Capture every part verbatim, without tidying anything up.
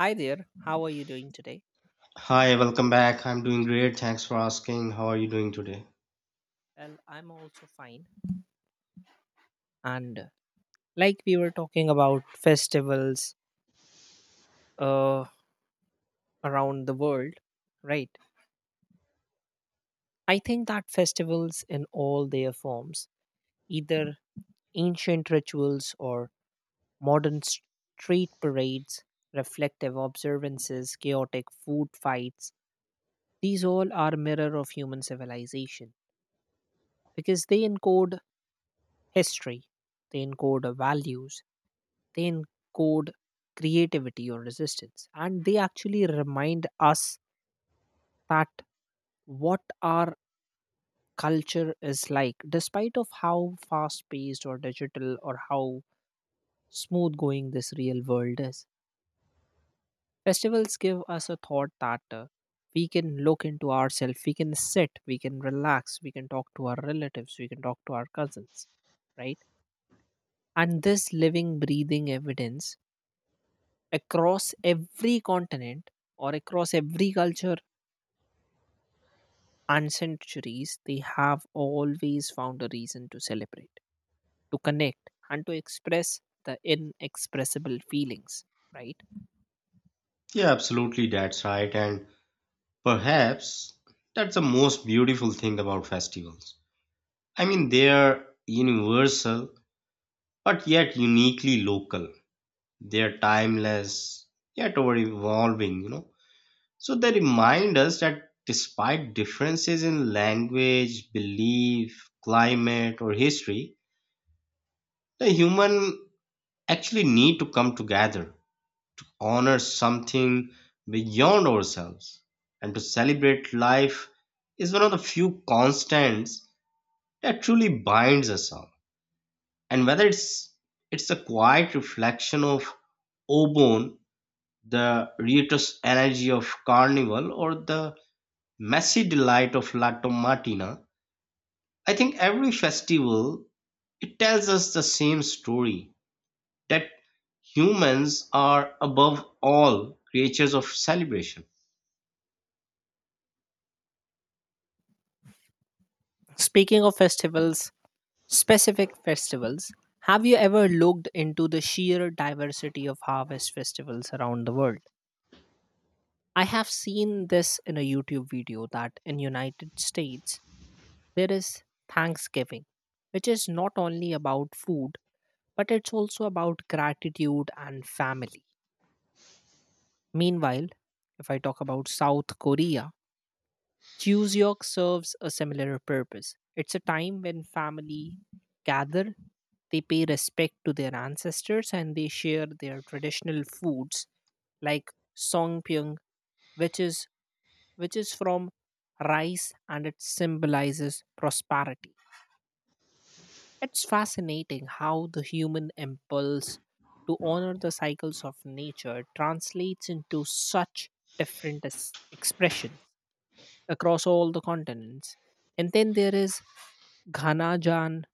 Hi there, how are you doing today? Hi, welcome back. I'm doing great. Thanks for asking. How are you doing today? Well, I'm also fine. And uh, Like we were talking about festivals uh, around the world, right? I think that festivals in all their forms, either ancient rituals or modern st- street parades, reflective observances, chaotic food fights, these all are mirror of human civilization because they encode history, they encode values, they encode creativity or resistance. And they actually remind us that what our culture is like, despite of how fast paced or digital or how smooth going this real world is. Festivals give us a thought that uh, we can look into ourselves, we can sit, we can relax, we can talk to our relatives, we can talk to our cousins, right? And this living, breathing evidence across every continent or across every culture and centuries, they have always found a reason to celebrate, to connect, and to express the inexpressible feelings, right? Yeah, absolutely. That's right. And perhaps that's the most beautiful thing about festivals. I mean, they're universal, but yet uniquely local. They're timeless, yet over evolving, you know. So they remind us that despite differences in language, belief, climate, or history, the human actually need to come together honor something beyond ourselves and to celebrate life is one of the few constants that truly binds us all. And whether it's it's a quiet reflection of Obon, the riotous energy of Carnival, or the messy delight of Lato Martina, I think every festival it tells us the same story that humans are above all creatures of celebration. Speaking of festivals, specific festivals, have you ever looked into the sheer diversity of harvest festivals around the world? I have seen this in a YouTube video that in United States there is Thanksgiving, which is not only about food but it's also about gratitude and family. Meanwhile, if I talk about South Korea, Chuseok serves a similar purpose. It's a time when family gather, they pay respect to their ancestors and they share their traditional foods like songpyeong, which is which is from rice and it symbolizes prosperity. It's fascinating how the human impulse to honor the cycles of nature translates into such different es- expressions across all the continents. And then there is Ghanajan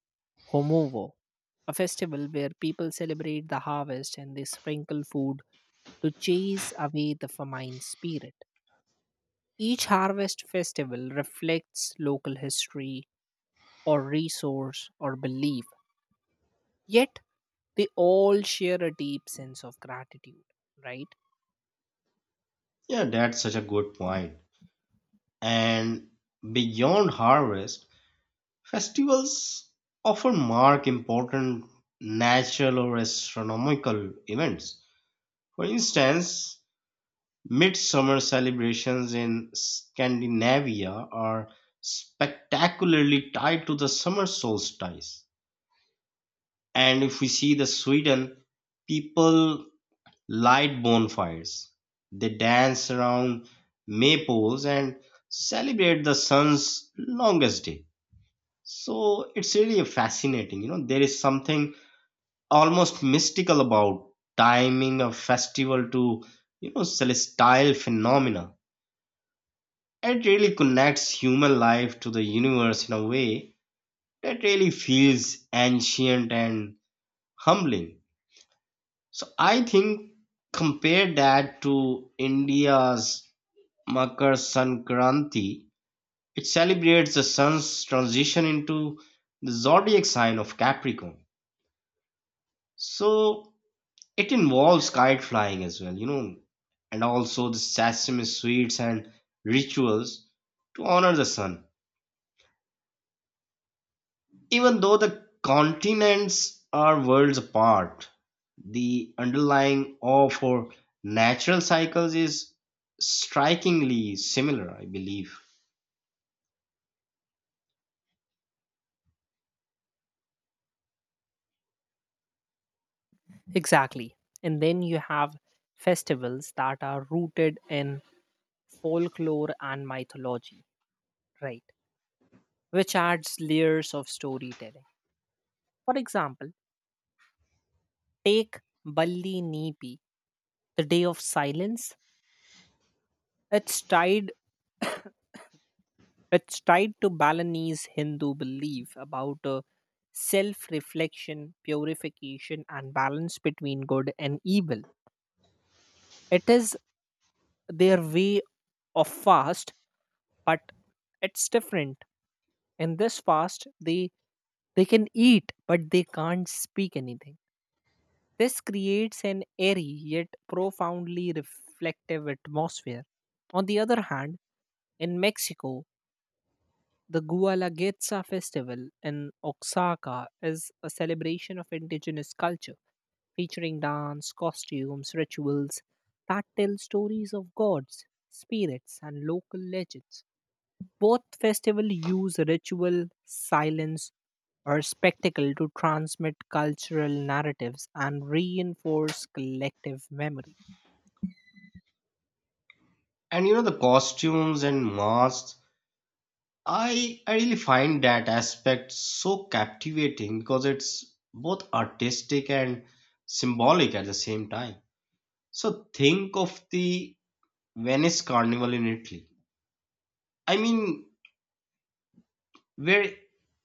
Homovo, a festival where people celebrate the harvest and they sprinkle food to chase away the famine spirit. Each harvest festival reflects local history or resource or belief, yet they all share a deep sense of gratitude, right? Yeah, that's such a good point. And beyond harvest, festivals often mark important natural or astronomical events. For instance, midsummer celebrations in Scandinavia are spectacularly tied to the summer solstice. And if we see the Sweden, people light bonfires. They dance around maypoles and celebrate the sun's longest day. So it's really fascinating. You know, there is something almost mystical about timing a festival to, you know, celestial phenomena. It really connects human life to the universe in a way that really feels ancient and humbling. So I think compare that to India's Makar Sankranti, it celebrates the sun's transition into the zodiac sign of Capricorn. So it involves kite flying as well, you know, and also the sesame sweets and rituals to honor the sun. Even though the continents are worlds apart, the underlying awe for natural cycles is strikingly similar, I believe. Exactly. And then you have festivals that are rooted in folklore and mythology, right? Which adds layers of storytelling. For example, take Balli Nipi, the day of silence. It's tied it's tied to Balinese Hindu belief about uh, self reflection, purification, and balance between good and evil. It is their way of fast, but it's different. In this fast, they they can eat, but they can't speak anything. This creates an airy yet profoundly reflective atmosphere. On the other hand, in Mexico, the Gualaguetza festival in Oaxaca is a celebration of indigenous culture, featuring dance, costumes, rituals that tell stories of gods, spirits, and local legends. Both festivals use ritual, silence, or spectacle to transmit cultural narratives and reinforce collective memory. And you know, the costumes and masks I I really find that aspect so captivating because it's both artistic and symbolic at the same time. So think of the Venice Carnival in Italy. I mean, where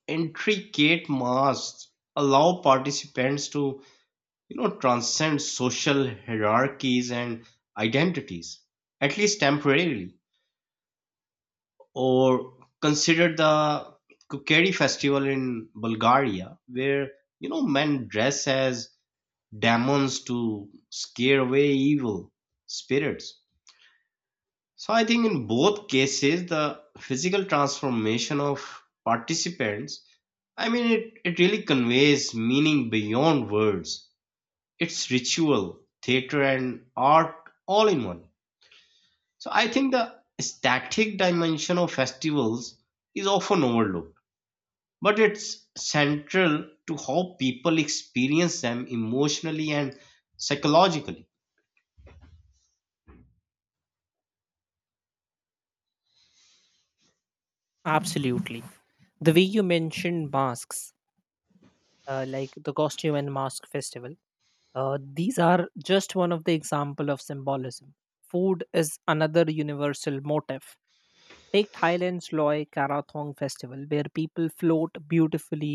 intricate masks allow participants to, you know, transcend social hierarchies and identities, at least temporarily. Or consider the Kukeri festival in Bulgaria, where you know men dress as demons to scare away evil spirits. So I think in both cases, the physical transformation of participants, I mean, it, it really conveys meaning beyond words. It's ritual, theater, and art all in one. So I think the static dimension of festivals is often overlooked but it's central to how people experience them emotionally and psychologically. Absolutely. The way you mentioned masks, uh, like the costume and mask festival, Uh, these are just one of the example of symbolism. Food is another universal motif. Take Thailand's Loy Karathong festival, where people float beautifully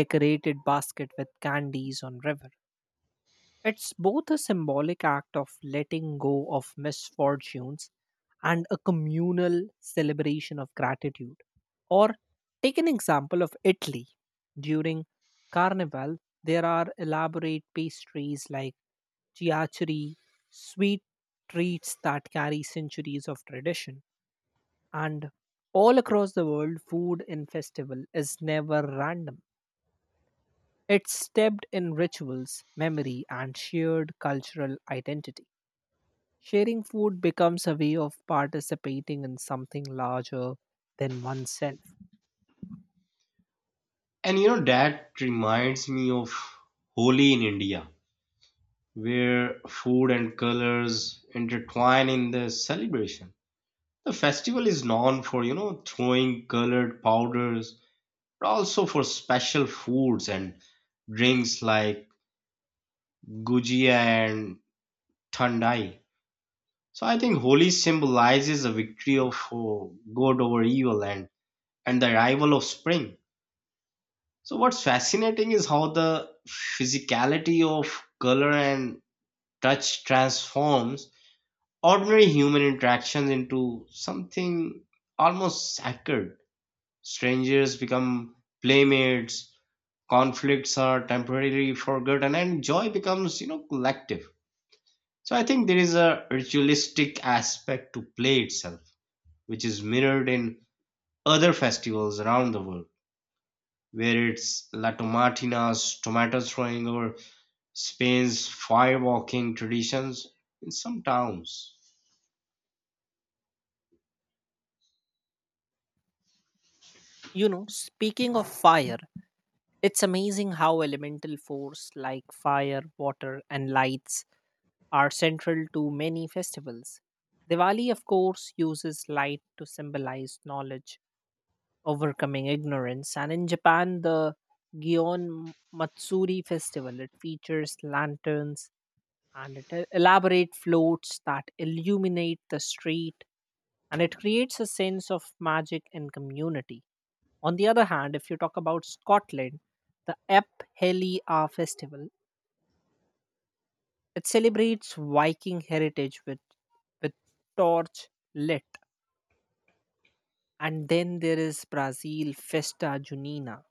decorated basket with candies on river. It's both a symbolic act of letting go of misfortunes and a communal celebration of gratitude. Or take an example of Italy. During Carnival, there are elaborate pastries like chiacheri, sweet treats that carry centuries of tradition. And all across the world, food in festival is never random. It's steeped in rituals, memory, and shared cultural identity. Sharing food becomes a way of participating in something larger than oneself. And you know, that reminds me of Holi in India, where food and colors intertwine in the celebration. The festival is known for, you know, throwing colored powders, but also for special foods and drinks like gujia and thandai. So I think Holi symbolizes the victory of uh, good over evil and and the arrival of spring. So, what's fascinating is how the physicality of color and touch transforms ordinary human interactions into something almost sacred. Strangers become playmates, conflicts are temporarily forgotten, and joy becomes, you know, collective. So, I think there is a ritualistic aspect to play itself, which is mirrored in other festivals around the world, where it's La Tomatina's tomato throwing or Spain's firewalking traditions in some towns. You know, speaking of fire, it's amazing how elemental force like fire, water, and lights are central to many festivals. Diwali, of course, uses light to symbolize knowledge, overcoming ignorance, and in Japan, the Gion Matsuri festival it features lanterns and it el- elaborate floats that illuminate the street and it creates a sense of magic and community. On the other hand, if you talk about Scotland, the Ep Heliar festival It celebrates Viking heritage with with torch lit. And then there is Brazil Festa Junina,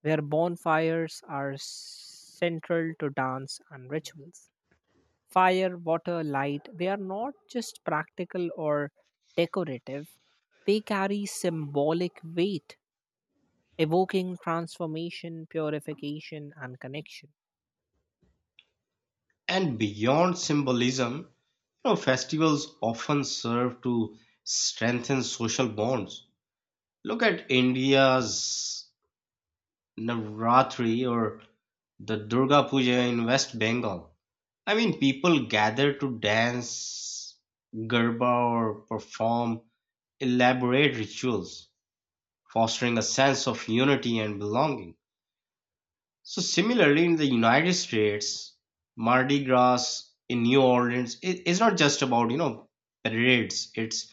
where bonfires are central to dance and rituals. Fire, water, light, they are not just practical or decorative, they carry symbolic weight, evoking transformation, purification, and connection. And beyond symbolism, you know, festivals often serve to strengthen social bonds. Look at India's Navratri or the Durga Puja in West Bengal. I mean, people gather to dance, garba, or perform elaborate rituals fostering a sense of unity and belonging. So, similarly, in the United States, Mardi Gras in New Orleans i- is not just about you know parades. It's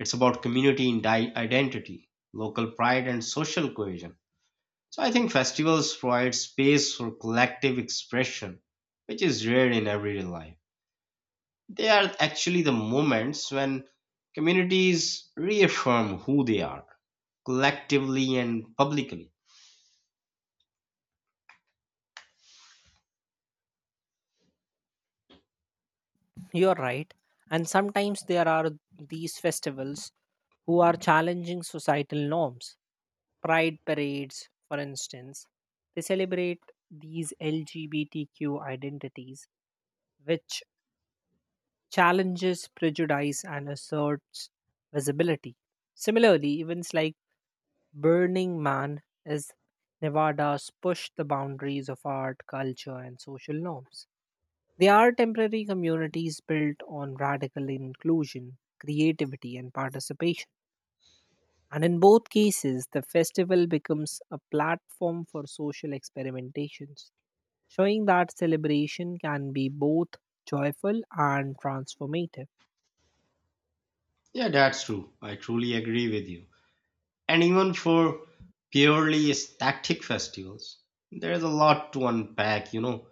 it's about community and di- identity, local pride, and social cohesion. So, I think festivals provide space for collective expression, which is rare in everyday life. They are actually the moments when communities reaffirm who they are collectively and publicly. You're right. And sometimes there are these festivals who are challenging societal norms. Pride parades, for instance, they celebrate these L G B T Q identities, which challenges prejudice and asserts visibility. Similarly, events like Burning Man is Nevada's push the boundaries of art, culture, and social norms. They are temporary communities built on radical inclusion, creativity, and participation. And in both cases, the festival becomes a platform for social experimentations, showing that celebration can be both joyful and transformative. Yeah, that's true. I truly agree with you. And even for purely static festivals, there's a lot to unpack, you know.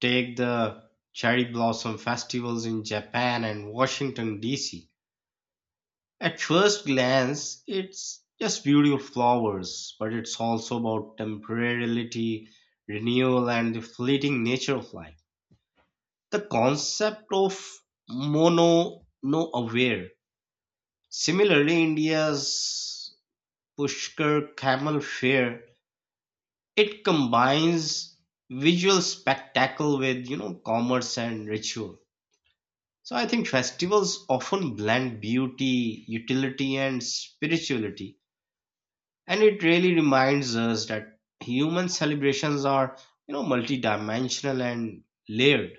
Take the cherry blossom festivals in Japan and Washington, D C. At first glance, it's just beautiful flowers, but it's also about temporality, renewal, and the fleeting nature of life. The concept of mono no aware. Similarly, India's Pushkar Camel Fair, it combines visual spectacle with, you know, commerce and ritual. So I think festivals often blend beauty, utility, and spirituality. And it really reminds us that human celebrations are, you know, multidimensional and layered.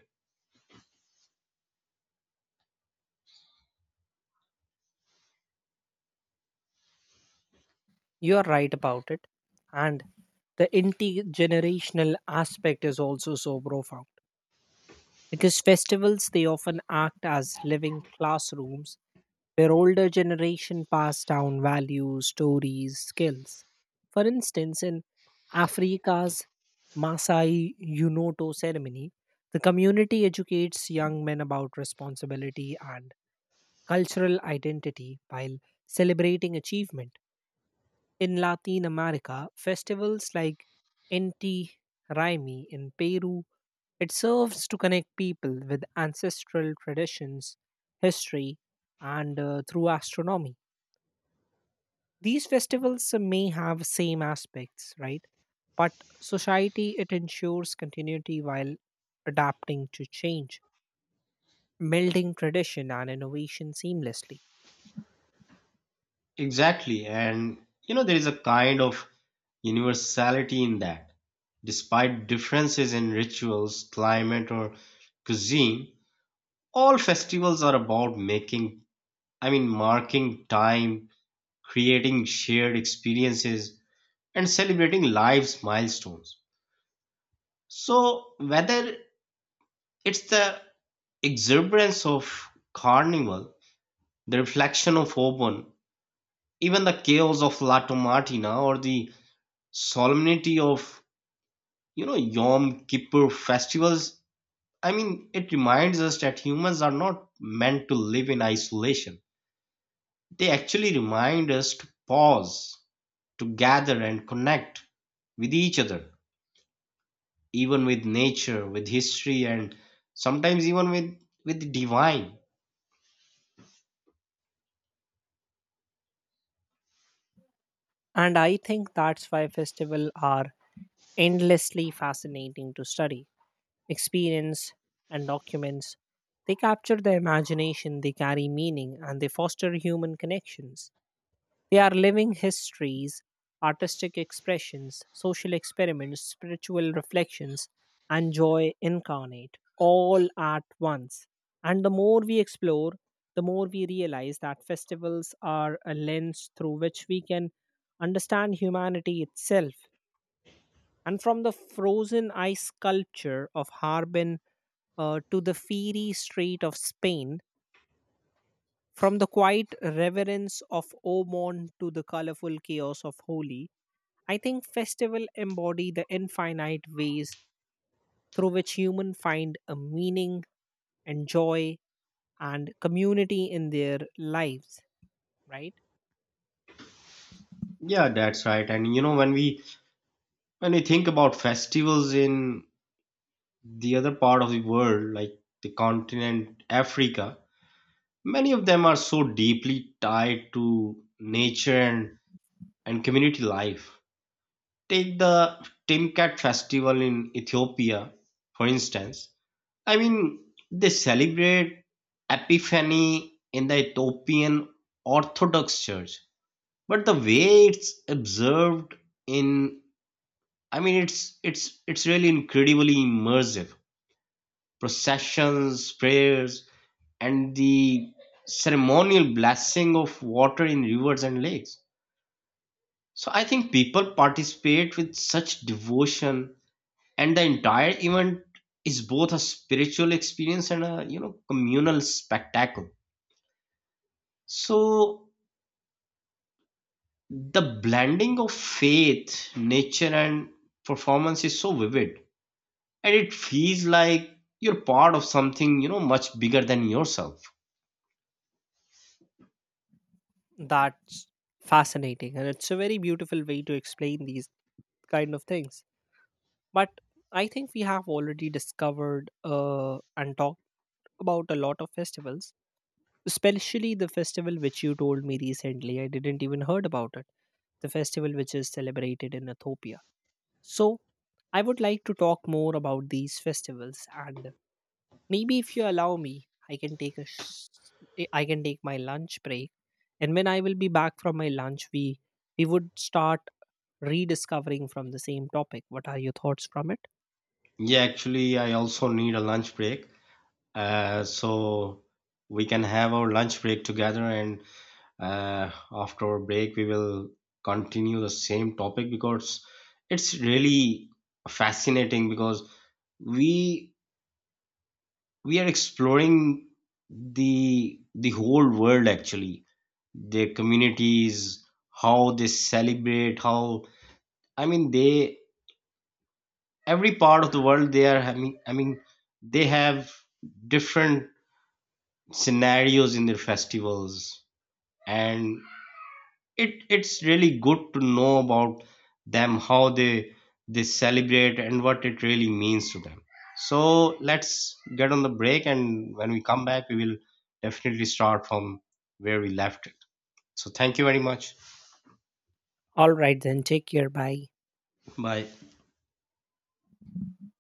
You are right about it. And the intergenerational aspect is also so profound because festivals they often act as living classrooms where older generation pass down values, stories, skills. For instance, in Africa's Masai Unoto ceremony, the community educates young men about responsibility and cultural identity while celebrating achievement. In Latin America, festivals like Inti Raimi in Peru, it serves to connect people with ancestral traditions, history, and uh, through astronomy. These festivals may have same aspects, right? But society it ensures continuity while adapting to change, melding tradition and innovation seamlessly. Exactly. And, you know, there is a kind of universality in that. Despite differences in rituals, climate, or cuisine, all festivals are about making i mean marking time, creating shared experiences, and celebrating life's milestones. So whether it's the exuberance of carnival, the reflection of open, even the chaos of Lato Martina, or the solemnity of you know Yom Kippur festivals, I mean it reminds us that humans are not meant to live in isolation. They actually remind us to pause, to gather and connect with each other, even with nature, with history, and sometimes even with with the divine. And I think that's why festivals are endlessly fascinating to study, experience, and documents. They capture the imagination, they carry meaning, and they foster human connections. They are living histories, artistic expressions, social experiments, spiritual reflections, and joy incarnate, all at once. And the more we explore, the more we realize that festivals are a lens through which we can understand humanity itself. And from the frozen ice sculpture of Harbin uh, to the fiery street of Spain, from the quiet reverence of Omon to the colorful chaos of Holi, I think festivals embody the infinite ways through which humans find a meaning and joy and community in their lives, right? Yeah, that's right. And you know, when we when we think about festivals in the other part of the world, like the continent Africa, many of them are so deeply tied to nature and, and community life. Take the Timcat festival in Ethiopia, for instance. I mean, they celebrate Epiphany in the Ethiopian Orthodox Church, but the way it's observed in, I mean, it's it's it's really incredibly immersive. Processions, prayers, and the ceremonial blessing of water in rivers and lakes. So I think people participate with such devotion, and the entire event is both a spiritual experience and a you know communal spectacle. So the blending of faith, nature, and performance is so vivid, and it feels like you're part of something you know much bigger than yourself. That's fascinating and it's a very beautiful way to explain these kind of things. But I think we have already discovered uh, and talked about a lot of festivals, especially the festival which you told me recently. I didn't even heard about it, the festival which is celebrated in Ethiopia. So I would like to talk more about these festivals, and maybe if you allow me, i can take a sh- I can take my lunch break, and when I will be back from my lunch, we we would start rediscovering from the same topic. What are your thoughts from it? Yeah, actually, I also need a lunch break, uh, so we can have our lunch break together, and uh, after our break, we will continue the same topic because it's really fascinating because we we are exploring the the whole world, actually, their communities, how they celebrate, how I mean they every part of the world they are having I mean they have different scenarios in their festivals. And it it's really good to know about them, how they they celebrate and what it really means to them. So let's get on the break and when we come back we will definitely start from where we left it. So thank you very much. All right then, take care. Bye. Bye.